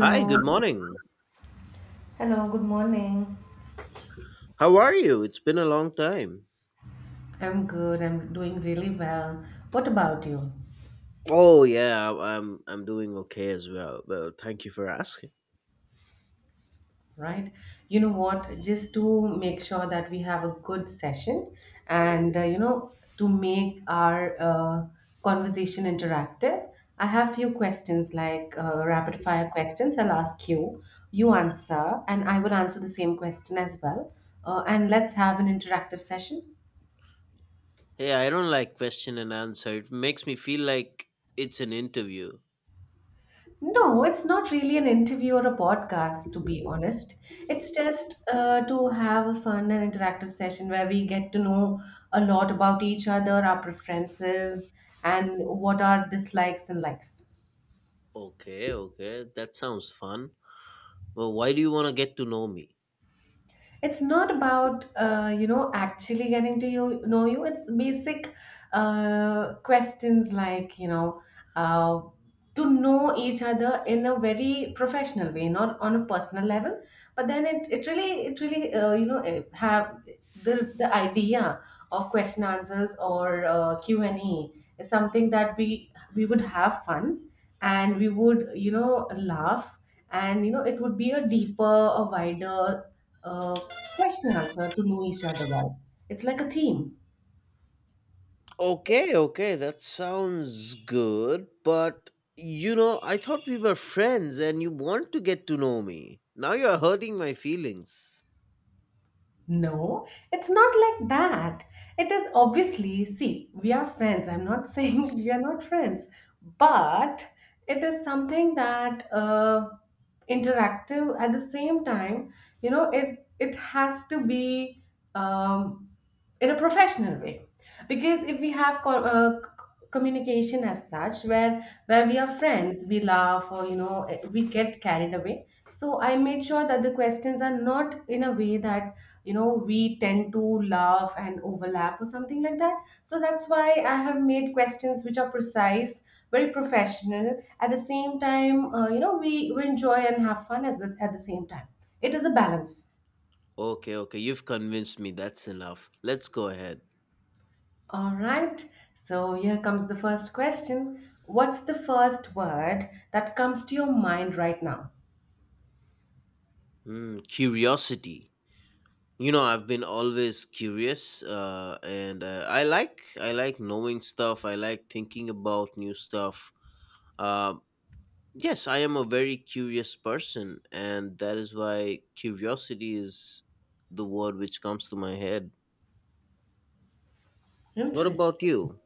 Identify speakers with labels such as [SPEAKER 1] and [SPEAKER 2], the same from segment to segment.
[SPEAKER 1] Hi, good morning.
[SPEAKER 2] Hello, good morning.
[SPEAKER 1] How are you? It's been a long time.
[SPEAKER 2] I'm good. I'm doing really well. What about you?
[SPEAKER 1] Oh yeah, I'm doing okay as well. Well, thank you for asking.
[SPEAKER 2] Right? You know what? Just to make sure that we have a good session and, you know, to make our conversation interactive, I have few questions like rapid fire questions. I'll ask you, you answer, and I will answer the same question as well. And let's have an interactive session.
[SPEAKER 1] Hey, I don't like question and answer. It makes me feel like it's an interview.
[SPEAKER 2] No, it's not really an interview or a podcast, to be honest. It's just to have a fun and interactive session where we get to know a lot about each other, our preferences, and what our dislikes and likes.
[SPEAKER 1] Okay, okay. That sounds fun. Well, why do you want to get to know me?
[SPEAKER 2] It's not about you know, actually getting to, you know, you. It's basic questions like, you know, uh, to know each other in a very professional way, not on a personal level, but then it really, it really, have the idea of question answers, or q&a is something that we would have fun and we would, you know, laugh, and you know, it would be a deeper, a wider, uh, question answer to know each other well. It's like a theme.
[SPEAKER 1] Okay, okay. That sounds good, but you know, I thought we were friends and you want to get to know me. Now you're hurting my feelings.
[SPEAKER 2] No, it's not like that. It is, obviously, see, we are friends. I'm not saying we are not friends, but it is something that interactive at the same time, you know, it has to be um, in a professional way, because if we have communication as such where we are friends, we laugh, or you know, we get carried away. So I made sure that the questions are not in a way that you know, we tend to laugh and overlap or something like that. So that's why I have made questions which are precise, very professional, at the same time, you know, we enjoy and have fun as this. At the same time, it is a balance.
[SPEAKER 1] Okay, okay, you've convinced me. That's enough. Let's go ahead.
[SPEAKER 2] All right, so here comes the first question. What's the first word that comes to your mind right now?
[SPEAKER 1] Hmm, curiosity. You know, I've been always curious, and I like knowing stuff. I like thinking about new stuff. Uh, yes, I am a very curious person, and that is why curiosity is the word which comes to my head. What about
[SPEAKER 2] Interesting,
[SPEAKER 1] you?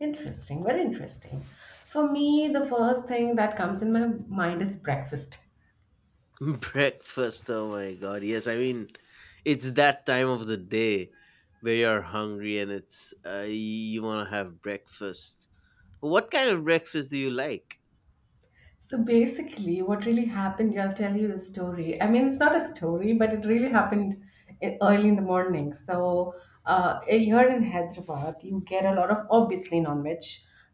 [SPEAKER 2] interesting, very interesting. For me, the first thing that comes in my mind is breakfast.
[SPEAKER 1] Breakfast, oh my god. Yes, I mean, it's that time of the day where you're hungry and it's you want to have breakfast. What kind of breakfast do you like?
[SPEAKER 2] So basically, what really happened, yeah, I'll tell you a story. I mean, it's not a story, but it really happened early in the morning. So, here in Hyderabad, you get a lot of, obviously, non veg.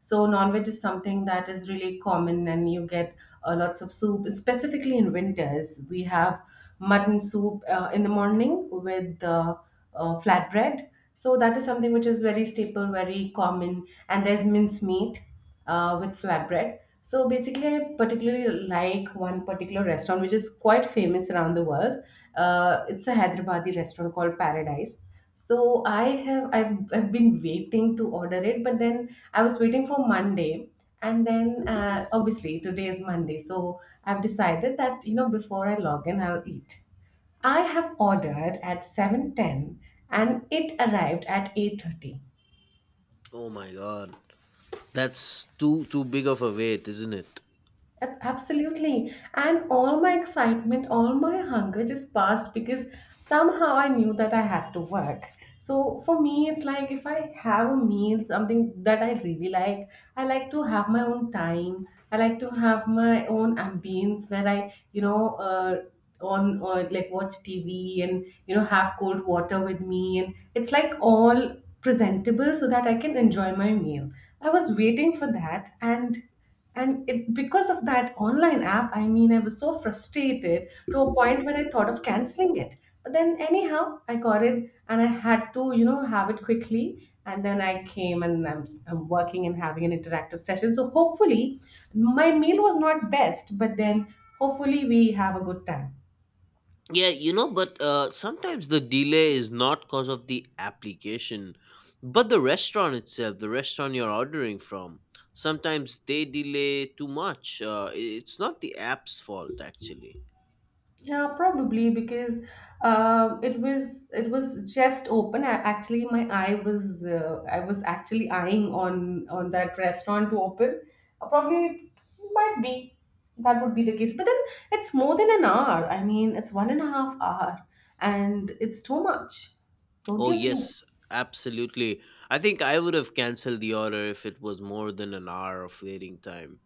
[SPEAKER 2] So, non veg is something that is really common, and you get lots of soup. Specifically in winters, we have mutton soup in the morning with flatbread. So, that is something which is very staple, very common. And there's mince meat with flatbread. So basically, I particularly like one particular restaurant which is quite famous around the world. It's a Hyderabadi restaurant called Paradise. So I've been waiting to order it, but then I was waiting for Monday, and then obviously today is Monday, so I've decided that, you know, before I log in, I'll eat. I have ordered at 7:10 and it arrived at 8:30.
[SPEAKER 1] Oh my god. That's too big of a wait, isn't it?
[SPEAKER 2] Absolutely. And all my excitement, all my hunger just passed because somehow I knew that I had to work. So for me, it's like if I have a meal, something that I really like, I like to have my own time. I like to have my own ambience where I, you know, uh, on, or like watch TV and, you know, have cold water with me. And it's like all presentable so that I can enjoy my meal. I was waiting for that, and it because of that online app, I mean, I was so frustrated to a point where I thought of canceling it. But then anyhow, I got it and I had to, you know, have it quickly. And then I came and I'm working and having an interactive session. So hopefully my meal was not best, but then hopefully we have a good time.
[SPEAKER 1] Yeah, you know, but sometimes the delay is not cause of the application, but the restaurant itself, the restaurant you're ordering from. Sometimes they delay too much. It's not the app's fault, actually.
[SPEAKER 2] Yeah, probably because it was just open. I, actually, my eye was I was actually eyeing on that restaurant to open. Probably might be that would be the case. But then it's more than an hour. I mean, it's 1.5 hours, and it's too much. Don't
[SPEAKER 1] Oh,
[SPEAKER 2] you think?
[SPEAKER 1] yes, absolutely. I think I would have canceled the order if it was more than an hour of waiting time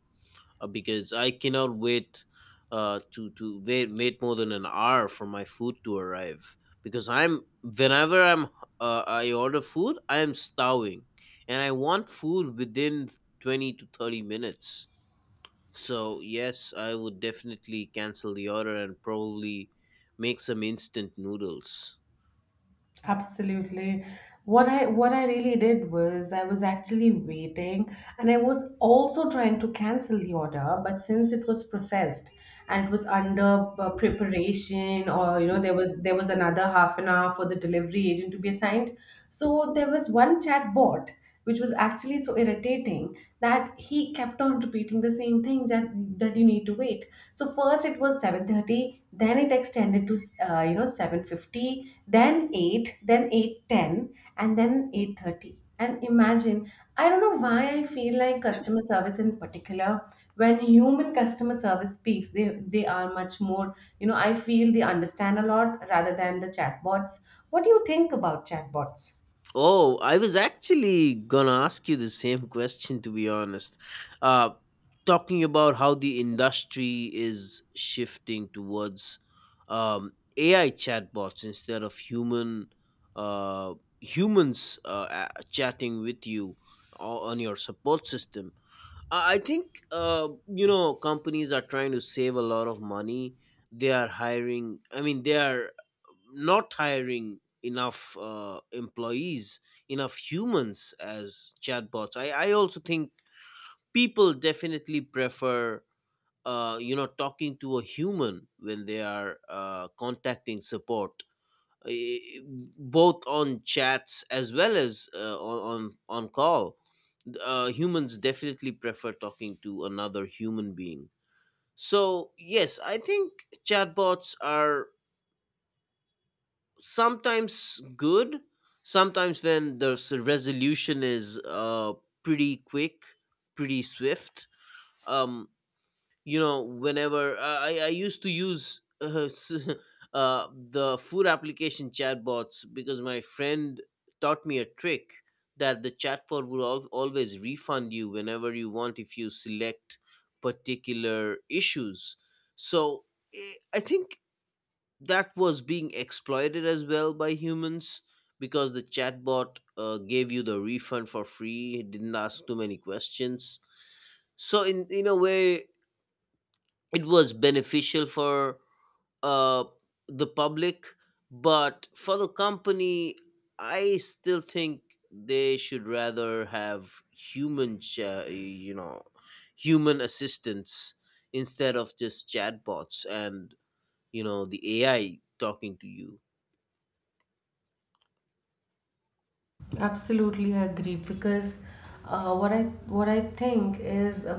[SPEAKER 1] because I cannot wait to wait more than an hour for my food to arrive because I'm whenever I'm I order food, I am starving and I want food within 20 to 30 minutes. So, yes, I would definitely cancel the order and probably make some instant noodles.
[SPEAKER 2] Absolutely. What I really did was I was actually waiting and I was also trying to cancel the order, but since it was processed and it was under preparation, or you know, there was another half an hour for the delivery agent to be assigned. So there was one chat bot which was actually so irritating that he kept on repeating the same thing, that you need to wait. So first it was 7:30, then it extended to you know, 7:50, then 8, then 8:10, and then 8:30. And imagine, I don't know why I feel like customer service in particular, when human customer service speaks, they are much more, you know, I feel they understand a lot rather than the chatbots. What do you think about chatbots?
[SPEAKER 1] Oh, I was actually gonna ask you the same question, to be honest. Uh, Talking about how the industry is shifting towards AI chatbots instead of uh, humans chatting with you on your support system. I think you know, companies are trying to save a lot of money. They are hiring. I mean, they are not hiring enough employees, enough humans as chatbots. I also think people definitely prefer you know, talking to a human when they are contacting support, both on chats as well as on call. Uh, humans definitely prefer talking to another human being. So yes, I think chatbots are sometimes good, sometimes when the resolution is pretty quick, pretty swift. um, you know, whenever I used to use the food application chatbots, because my friend taught me a trick that the chatbot would always refund you whenever you want if you select particular issues. So I think that was being exploited as well by humans, because the chatbot gave you the refund for free. It didn't ask too many questions. So in a way, it was beneficial for uh, the public, but for the company, I still think they should rather have human, you know, human assistance instead of just chatbots and you know, the AI talking to you.
[SPEAKER 2] Absolutely, I agree because uh, what I what I think is,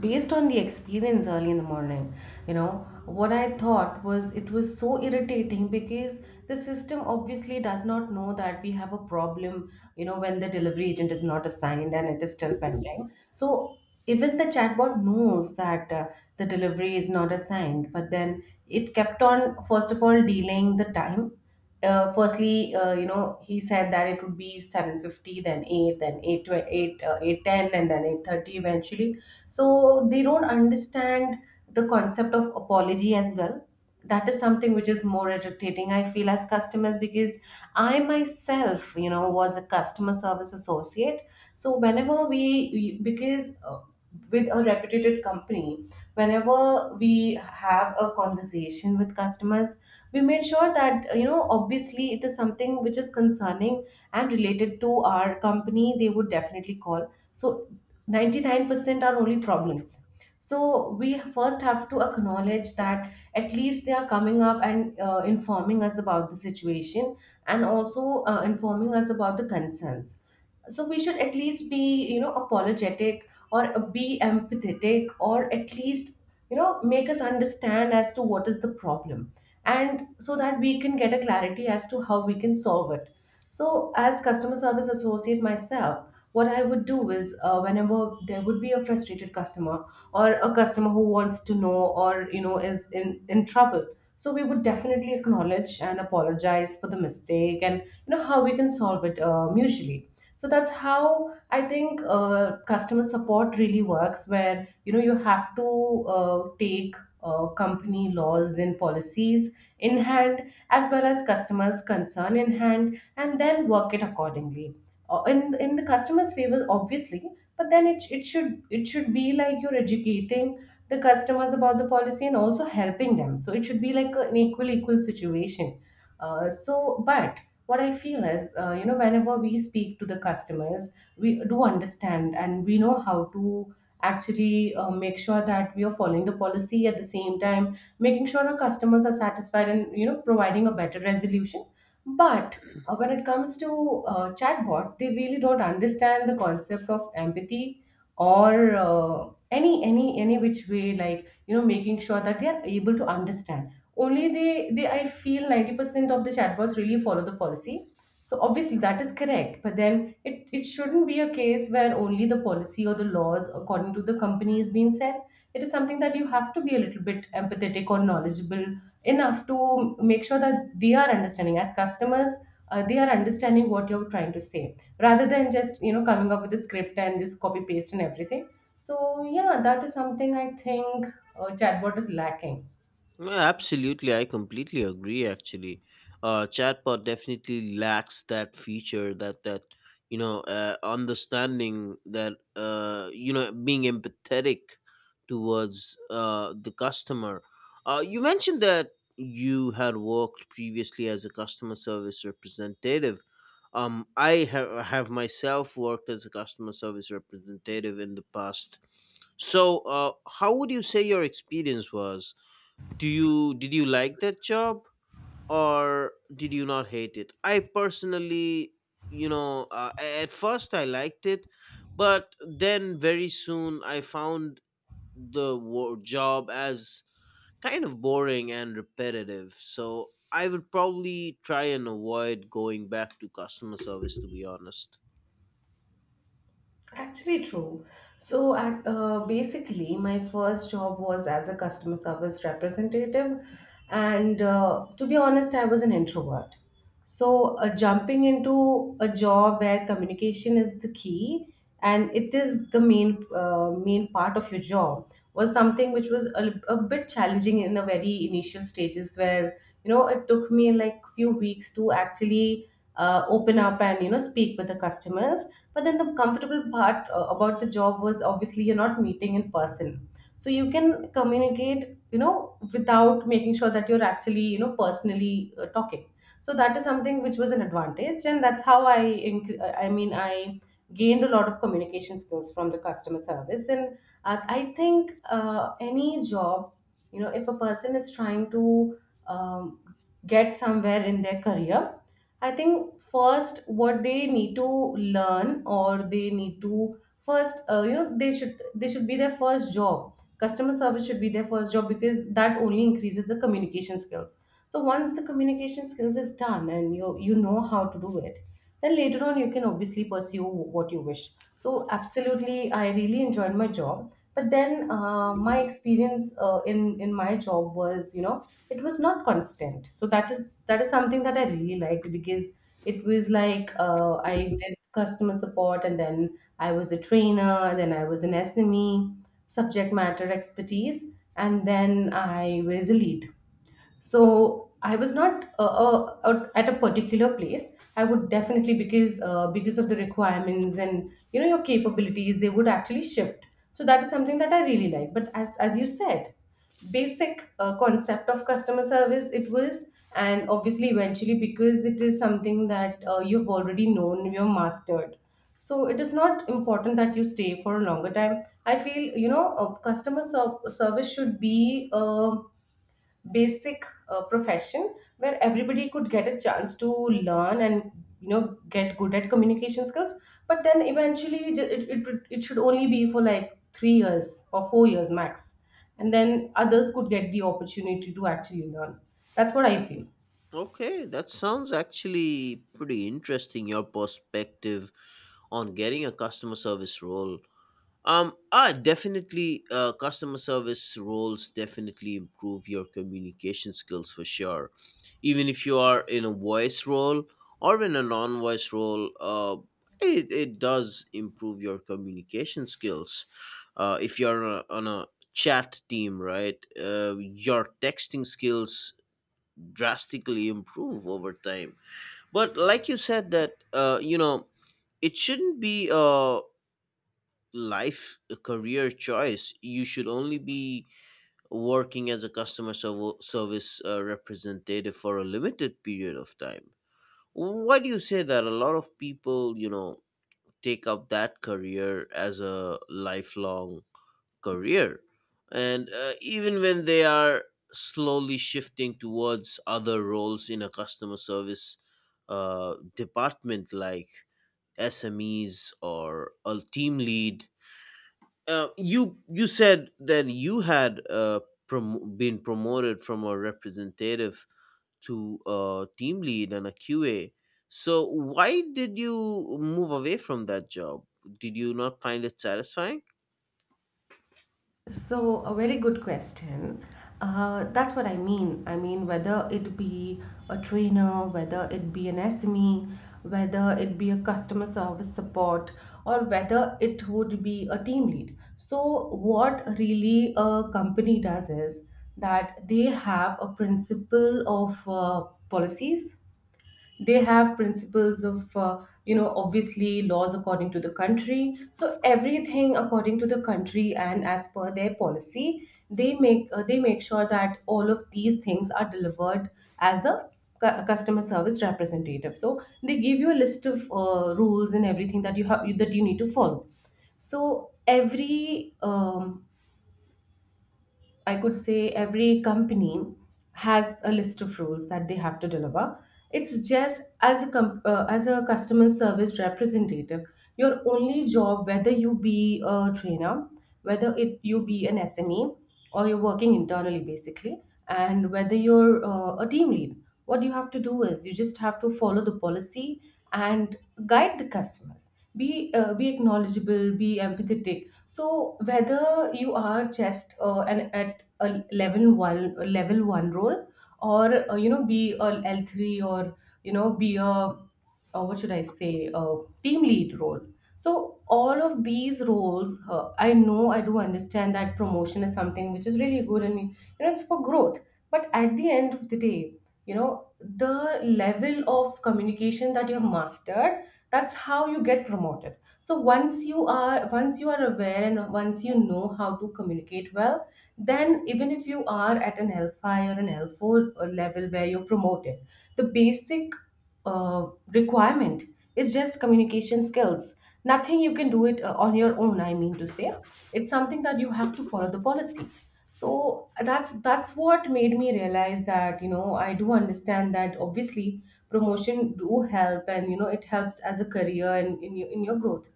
[SPEAKER 2] based on the experience early in the morning. You know what I thought was, it was so irritating because the system obviously does not know that we have a problem. You know, when the delivery agent is not assigned and it is still pending. So even the chatbot knows that the delivery is not assigned, but then it kept on, first of all, delaying the time. Firstly, you know, he said that it would be 7:50, then 8, then 8, to 8, 8:10, and then 8:30 eventually. So they don't understand the concept of apology as well. That is something which is more irritating, I feel, as customers, because I myself, you know, was a customer service associate. So whenever because with a reputed company, whenever we have a conversation with customers, we made sure that, you know, obviously, it is something which is concerning and related to our company. They would definitely call. So 99% are only problems. So we first have to acknowledge that at least they are coming up and, informing us about the situation and also informing us about the concerns. So we should at least be, you know, apologetic or be empathetic, or at least, you know, make us understand as to what is the problem, and so that we can get a clarity as to how we can solve it. So as customer service associate myself, what I would do is, whenever there would be a frustrated customer, or a customer who wants to know, or you know, is in trouble, so we would definitely acknowledge and apologize for the mistake, and you know, how we can solve it mutually. So that's how I think customer support really works, where you know, you have to take company laws and policies in hand, as well as customers concern in hand, and then work it accordingly. In the customer's favor obviously but then it should be like you're educating the customers about the policy and also helping them. So it should be like an equal equal situation. uh, so but what I feel is, you know, whenever we speak to the customers, we do understand and we know how to actually make sure that we are following the policy, at the same time making sure our customers are satisfied, and you know, providing a better resolution. But when it comes to, chatbot, they really don't understand the concept of empathy, or any which way, like you know, making sure that they are able to understand. Only they I feel 90% of the chatbots really follow the policy. So obviously that is correct, but then it shouldn't be a case where only the policy or the laws according to the company is being said. It is something that you have to be a little bit empathetic or knowledgeable enough to make sure that they are understanding as customers, they are understanding what you're trying to say, rather than just, you know, coming up with a script and just copy paste and everything. So yeah, that is something I think chatbot is lacking.
[SPEAKER 1] Yeah, absolutely. I completely agree, actually. Uh, chatbot definitely lacks that feature, that you know, understanding, that uh, you know, being empathetic towards uh, the customer. Uh, you mentioned that you had worked previously as a customer service representative. Um, I have myself worked as a customer service representative in the past. So uh, how would you say your experience was? Do you did you like that job, or did you not hate it? I personally, you know, at first I liked it, but then very soon I found the job as kind of boring and repetitive, so I would probably try and avoid going back to customer service, to be honest.
[SPEAKER 2] Actually, true. So, basically, my first job was as a customer service representative, and to be honest, I was an introvert. So, jumping into a job where communication is the key and it is the main main part of your job was something which was a bit challenging in the very initial stages where you know it took me like few weeks to actually open up and you know speak with the customers. But then the comfortable part about the job was obviously you're not meeting in person. So you can communicate, you know, without making sure that you're actually, you know, personally talking. So that is something which was an advantage, and that's how I, inc- I mean, I gained a lot of communication skills from the customer service. And I think any job, you know, if a person is trying to um, get somewhere in their career, I think first what they need to learn or they need to first, you know, they should be their first job. Customer service should be their first job because that only increases the communication skills. So once the communication skills is done and you know how to do it, then later on you can obviously pursue what you wish. So absolutely, I really enjoyed my job. But then my experience in my job was, you know, it was not constant, so that is something that I really liked because it was like, I did customer support, and then I was a trainer, and then I was an SME, subject matter expertise, and then I was a lead. So I was not at a particular place. I would definitely, because of the requirements and, you know, your capabilities, they would actually shift. So that is something that I really like. But as you said, basic concept of customer service it was, and obviously eventually, because it is something that you've already known, you've mastered, so it is not important that you stay for a longer time, I feel. You know, customer ser- service should be basic profession where everybody could get a chance to learn and, you know, get good at communication skills. But then eventually ju- it should only be for like 3 years or 4 years max, and then others could get the opportunity to actually learn. That's what I feel.
[SPEAKER 1] Okay, that sounds actually pretty interesting, your perspective on getting a customer service role. Definitely. Customer service roles definitely improve your communication skills for sure. Even if you are in a voice role or in a non-voice role, it does improve your communication skills. If you're on a chat team, right, your texting skills drastically improve over time. But like you said, that you know, it shouldn't be life a career choice. You should only be working as a customer service representative for a limited period of time. Why do you say that? A lot of people, you know, take up that career as a lifelong career, and even when they are slowly shifting towards other roles in a customer service department, like SMEs or a team lead. Uh, you said that you had been promoted from a representative to a team lead and a QA. So why did you move away from that job? Did you not find it satisfying?
[SPEAKER 2] So, a very good question. That's what I mean. I mean, whether it be a trainer, whether it be an SME, whether it be a customer service support, or whether it would be a team lead. So, what really a company does is that they have a principle of policies, they have principles of, you know, obviously laws according to the country. So everything according to the country and as per their policy, they make sure that all of these things are delivered as a cu- a customer service representative. So they give you a list of rules and everything that you have that you need to follow. So every I could say every company has a list of rules that they have to deliver. It's just as a com- as a customer service representative, your only job, whether you be a trainer, whether it you be an SME or you're working internally basically, and whether you're a team lead, what you have to do is you just have to follow the policy and guide the customers. Be acknowledgeable, be empathetic. So whether you are just an at a level one role, or, you know, be a L3, or, you know, be a what should I say, a team lead role. So all of these roles, I know I do understand that promotion is something which is really good and, you know, it's for growth. But at the end of the day, you know, the level of communication that you have mastered, that's how you get promoted. So once you are aware and once you know how to communicate well, then even if you are at an L5 or an L4 or level where you're promoted, the basic requirement is just communication skills. Nothing you can do it on your own, I mean to say. It's something that you have to follow the policy. So that's what made me realize that, you know, I do understand that obviously promotion do help and, you know, it helps as a career and in your growth,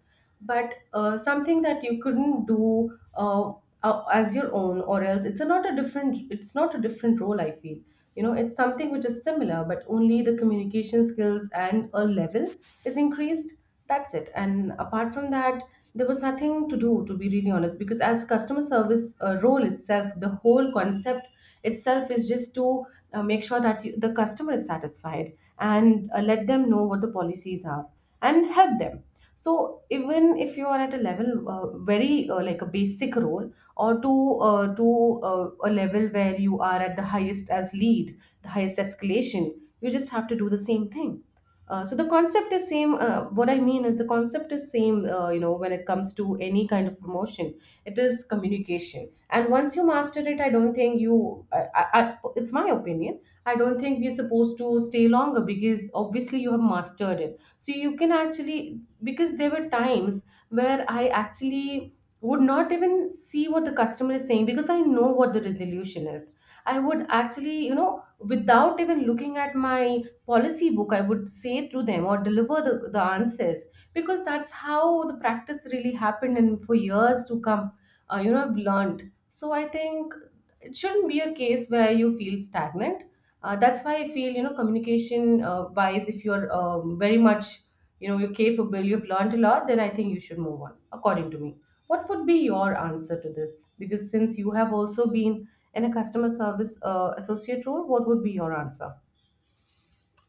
[SPEAKER 2] but something that you couldn't do as your own, or else it's a not a different it's not a different role, I feel. You know, it's something which is similar, but only the communication skills and a level is increased, that's it. And apart from that, there was nothing to do, to be really honest, because as customer service role itself, the whole concept itself is just to make sure that the customer is satisfied and let them know what the policies are and help them. So even if you are at a level very like a basic role, or to a level where you are at the highest as lead, the highest escalation, you just have to do the same thing. So the concept is same. What I mean is the concept is same. You know, when it comes to any kind of promotion, it is communication. And once you master it, I don't think you. I, it's my opinion. I don't think we're supposed to stay longer because obviously you have mastered it. So you can actually, because there were times where I actually would not even see what the customer is saying because I know what the resolution is. I would actually, you know, without even looking at my policy book, I would say through them or deliver the answers, because that's how the practice really happened. And for years to come, you know, I've learned. So I think it shouldn't be a case where you feel stagnant. That's why I feel, you know, communication wise, if you're very much, you know, you're capable, you've learned a lot, then I think you should move on, according to me. What would be your answer to this? Because since you have also been in a customer service associate role, what would be your answer?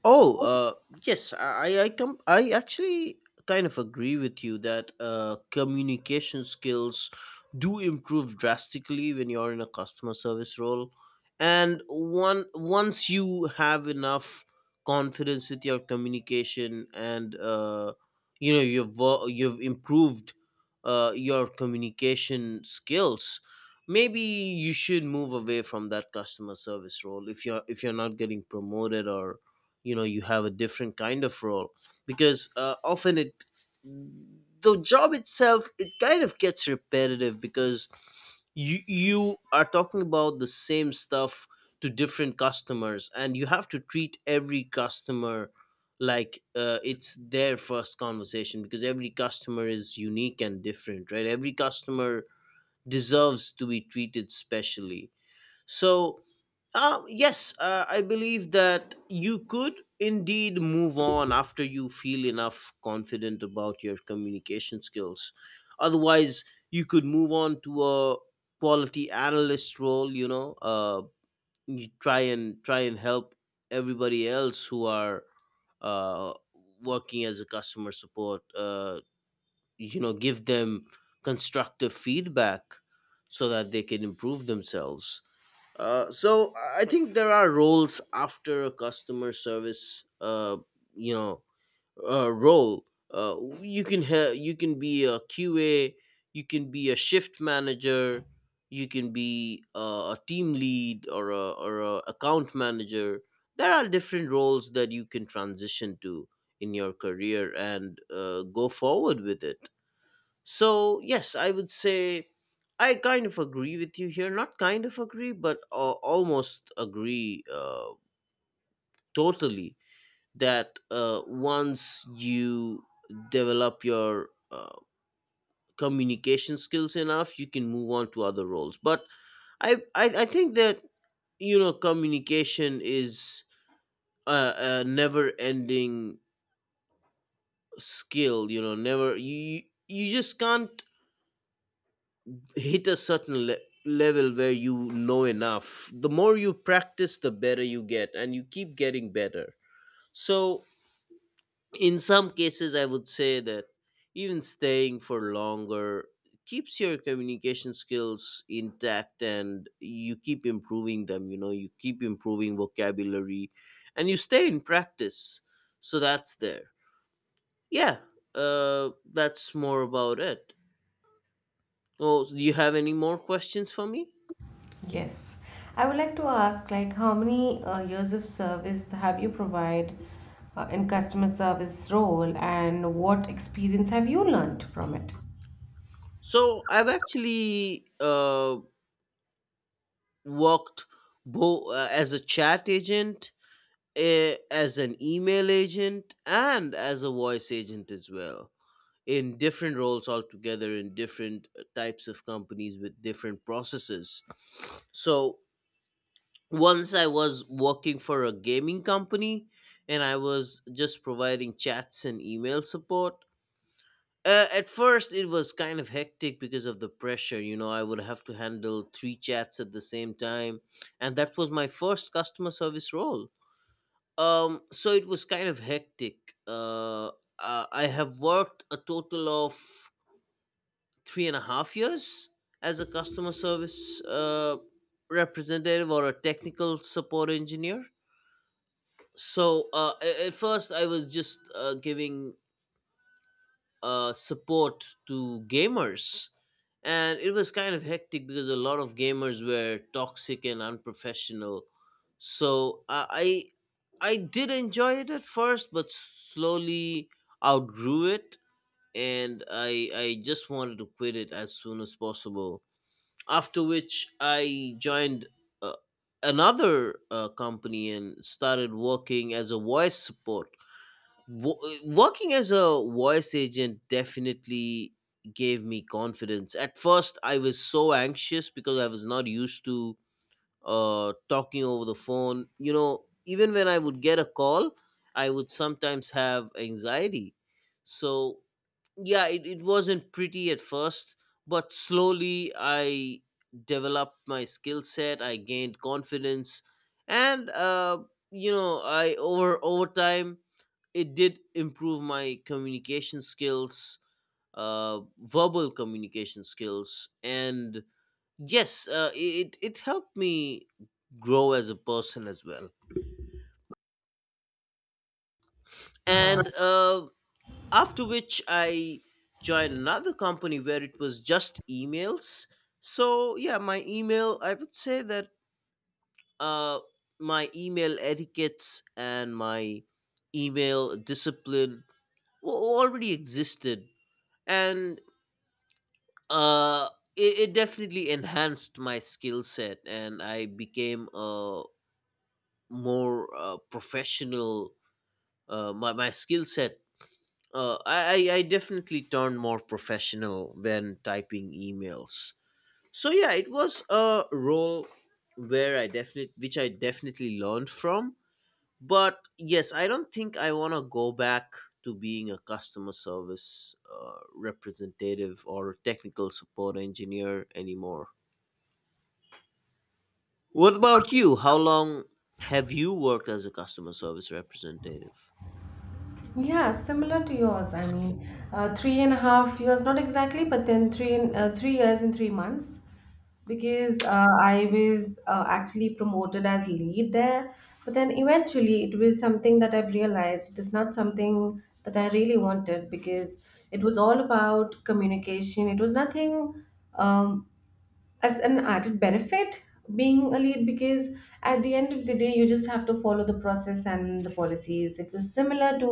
[SPEAKER 1] Oh, yes, I actually kind of agree with you that communication skills do improve drastically when you're in a customer service role. And one once you have enough confidence with your communication and you know, you've you've improved your communication skills, maybe you should move away from that customer service role if you're not getting promoted, or you know, you have a different kind of role, because often it the job itself, it kind of gets repetitive, because you are talking about the same stuff to different customers, and you have to treat every customer like it's their first conversation, because every customer is unique and different, right? Every customer deserves to be treated specially. So yes, I believe that you could indeed move on after you feel enough confident about your communication skills. Otherwise, you could move on to a quality analyst role. You know, you try and try and help everybody else who are uh, working as a customer support. You know, give them constructive feedback so that they can improve themselves. Uh, so I think there are roles after a customer service, you know, role. You can you can be a QA, you can be a shift manager, you can be a team lead or a account manager. There are different roles that you can transition to in your career, and go forward with it. So, yes, I would say I kind of agree with you here. Not kind of agree, but almost agree totally, that once you develop your communication skills enough, you can move on to other roles. But I think that, you know, communication is a never ending skill. You know, never, you just can't hit a certain level where you know enough. The more you practice, the better you get, and you keep getting better. So in some cases, I would say that even staying for longer keeps your communication skills intact, and you keep improving them. You know, you keep improving vocabulary and you stay in practice. So that's there. Yeah, uh, that's more about it. Oh, so do you have any more questions for me?
[SPEAKER 2] Yes. I would like to ask, like, how many years of service have you provide in customer service role, and what experience have you learned from it?
[SPEAKER 1] So I've actually worked both as a chat agent, as an email agent, and as a voice agent as well in different roles altogether, in different types of companies with different processes. So once I was working for a gaming company and I was just providing chats and email support. At first, it was kind of hectic because of the pressure. You know, I would have to handle three chats at the same time, and that was my first customer service role. So it was kind of hectic. Uh, I have worked a total of three and a half years as a customer service representative or a technical support engineer. So at first, I was just giving support to gamers, and it was kind of hectic because a lot of gamers were toxic and unprofessional. So i i, I did enjoy it at first, but slowly outgrew it, and I just wanted to quit it as soon as possible, after which I joined uh, another company and started working as a voice support. Wo- Working as a voice agent definitely gave me confidence. At first I was so anxious because I was not used to talking over the phone, you know, even when I would get a call I would sometimes have anxiety. So yeah, it wasn't pretty at first, but slowly I developed my skill set, I gained confidence, and you know, I over time, it did improve my communication skills, verbal communication skills. And yes, it it helped me grow as a person as well. And after which I joined another company where it was just emails. So yeah, my email, I would say that uh my email etiquettes and my email discipline already existed. And uh it definitely enhanced my skill set and I became a more professional, my skill set. I definitely turned more professional than typing emails. So yeah, it was a role where I definitely learned from. But yes, I don't think I want to go back to being a customer service representative or technical support engineer anymore. What about you? How long have you worked as a customer service representative?
[SPEAKER 2] Yeah, similar to yours. I mean, three and a half years, not exactly, but then three and 3 years and 3 months. Because I was actually promoted as lead there. But then eventually it was something that I've realized it is not something that I really wanted, because it was all about communication. It was nothing um, as an added benefit being a lead, because at the end of the day, you just have to follow the process and the policies. It was similar to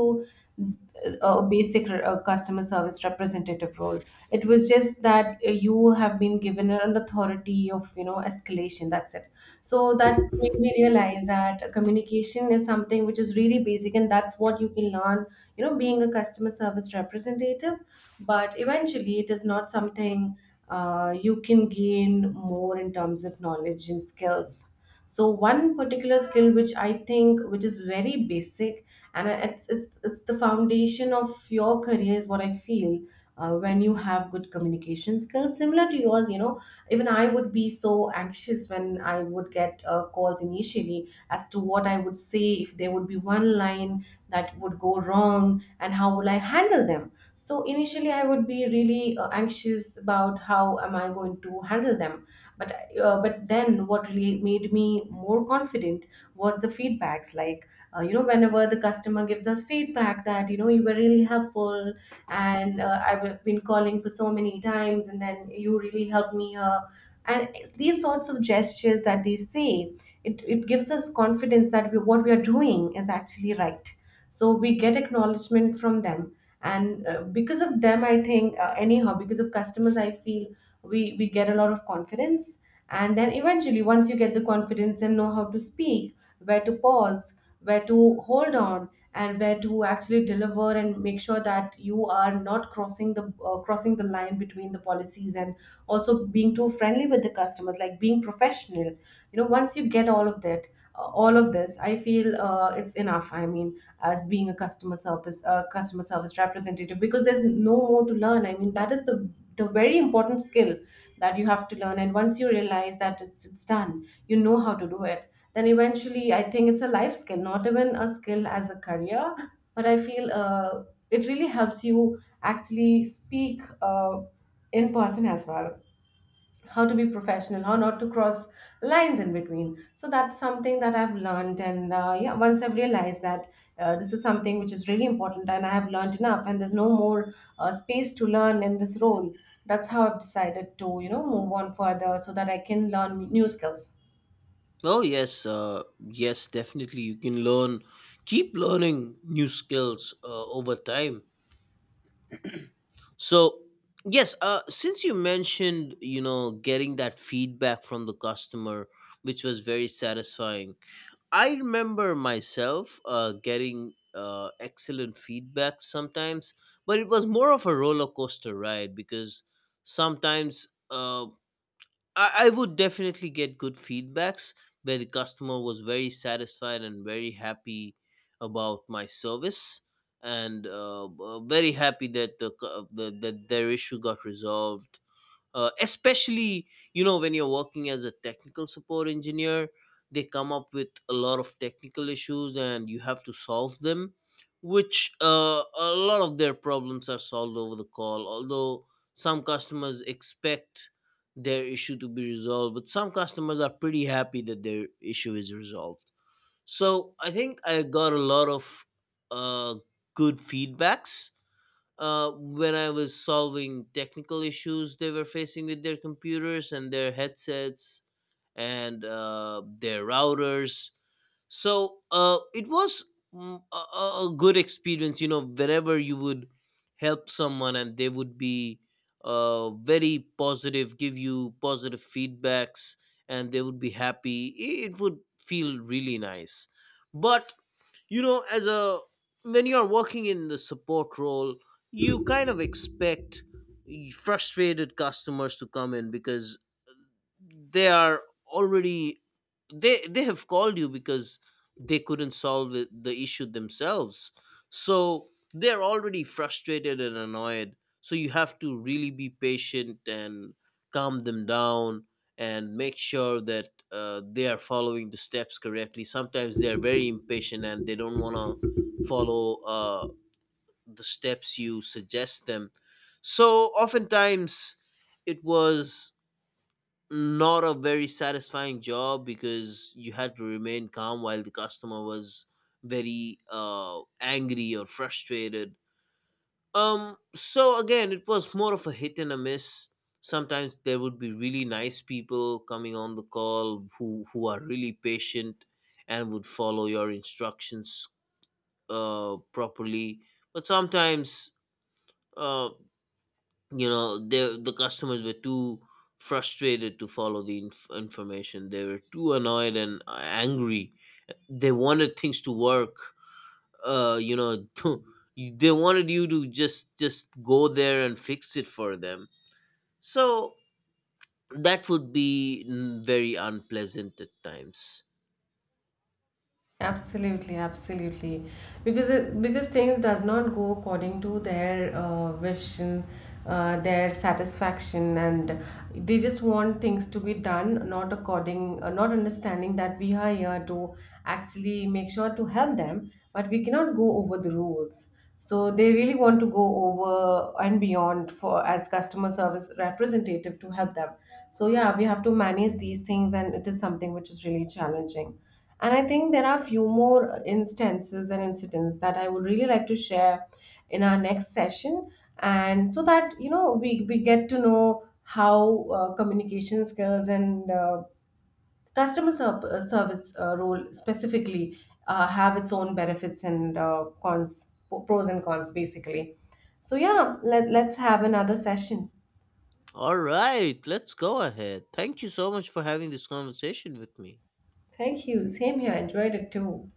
[SPEAKER 2] a basic customer service representative role. It was just that you have been given an authority of, you know, escalation, that's it. So that made me realize that communication is something which is really basic, and that's what you can learn, you know, being a customer service representative. But eventually it is not something you can gain more in terms of knowledge and skills. So one particular skill which I think which is very basic, and it's the foundation of your career, is what I feel. When you have good communication skills similar to yours, you know, even I would be so anxious when I would get calls initially, as to what I would say, if there would be one line that would go wrong and how will I handle them. So initially I would be really anxious about how am I going to handle them. But but then what really made me more confident was the feedbacks, like, you know, whenever the customer gives us feedback that, you know, you were really helpful, and I've been calling for so many times and then you really helped me here. And it's these sorts of gestures that they say, it gives us confidence that what we are doing is actually right. So we get acknowledgement from them. And because of them, I think, anyhow, because of customers, I feel we get a lot of confidence. And then eventually, once you get the confidence and know how to speak, where to pause, where to hold on, and where to actually deliver and make sure that you are not crossing the crossing the line between the policies and also being too friendly with the customers, like being professional. You know, once you get all of that, all of this, I feel it's enough. I mean, as being a customer service representative, because there's no more to learn. I mean, that is the very important skill that you have to learn. And once you realize that it's done, you know how to do it. Then eventually, I think it's a life skill, not even a skill as a career. But I feel it really helps you actually speak in person as well, how to be professional, how not to cross lines in between. So that's something that I've learned. And yeah, once I've realized that this is something which is really important and I have learned enough and there's no more space to learn in this role, that's how I've decided to, you know, move on further so that I can learn new skills.
[SPEAKER 1] Oh yes, yes, definitely. You can learn, keep learning new skills over time. So yes, since you mentioned, you know, getting that feedback from the customer, which was very satisfying. I remember myself getting excellent feedback sometimes, but it was more of a roller coaster ride because sometimes I would definitely get good feedbacks where the customer was very satisfied and very happy about my service, and very happy that their issue got resolved, especially, you know, when you're working as a technical support engineer, they come up with a lot of technical issues and you have to solve them, which a lot of their problems are solved over the call. Although some customers expect their issue to be resolved, but some customers are pretty happy that their issue is resolved. So I think I got a lot of uh, good feedbacks when I was solving technical issues they were facing with their computers and their headsets and their routers. So it was a good experience, you know, whenever you would help someone and they would be very positive, give you positive feedbacks, and they would be happy. It would feel really nice. But you know, as a, when you're working in the support role, you kind of expect frustrated customers to come in because they are already, they have called you because they couldn't solve it, the issue themselves, so they're already frustrated and annoyed. So you have to really be patient and calm them down and make sure that they are following the steps correctly. Sometimes they are very impatient and they don't want to follow the steps you suggest them. So oftentimes it was not a very satisfying job because you had to remain calm while the customer was very angry or frustrated. So again, it was more of a hit and a miss. Sometimes there would be really nice people coming on the call who are really patient and would follow your instructions properly. But sometimes uh, you know, the customers were too frustrated to follow the information, they were too annoyed and angry, they wanted things to work, you know, they wanted you to just go there and fix it for them. So that would be very unpleasant at times.
[SPEAKER 2] Absolutely, absolutely. Because because things does not go according to their wish and their satisfaction, and they just want things to be done, not according, not understanding that we are here to actually make sure to help them, but we cannot go over the rules. So they really want to go over and beyond for as customer service representative to help them. So yeah, we have to manage these things, and it is something which is really challenging. And I think there are a few more instances and incidents that I would really like to share in our next session. And so that, you know, we get to know how communication skills and service role specifically have its own benefits and pros and cons, basically. So, yeah, let's have another session.
[SPEAKER 1] All right, let's go ahead. Thank you so much for having this conversation with me.
[SPEAKER 2] Thank you. Same here. Enjoyed it too.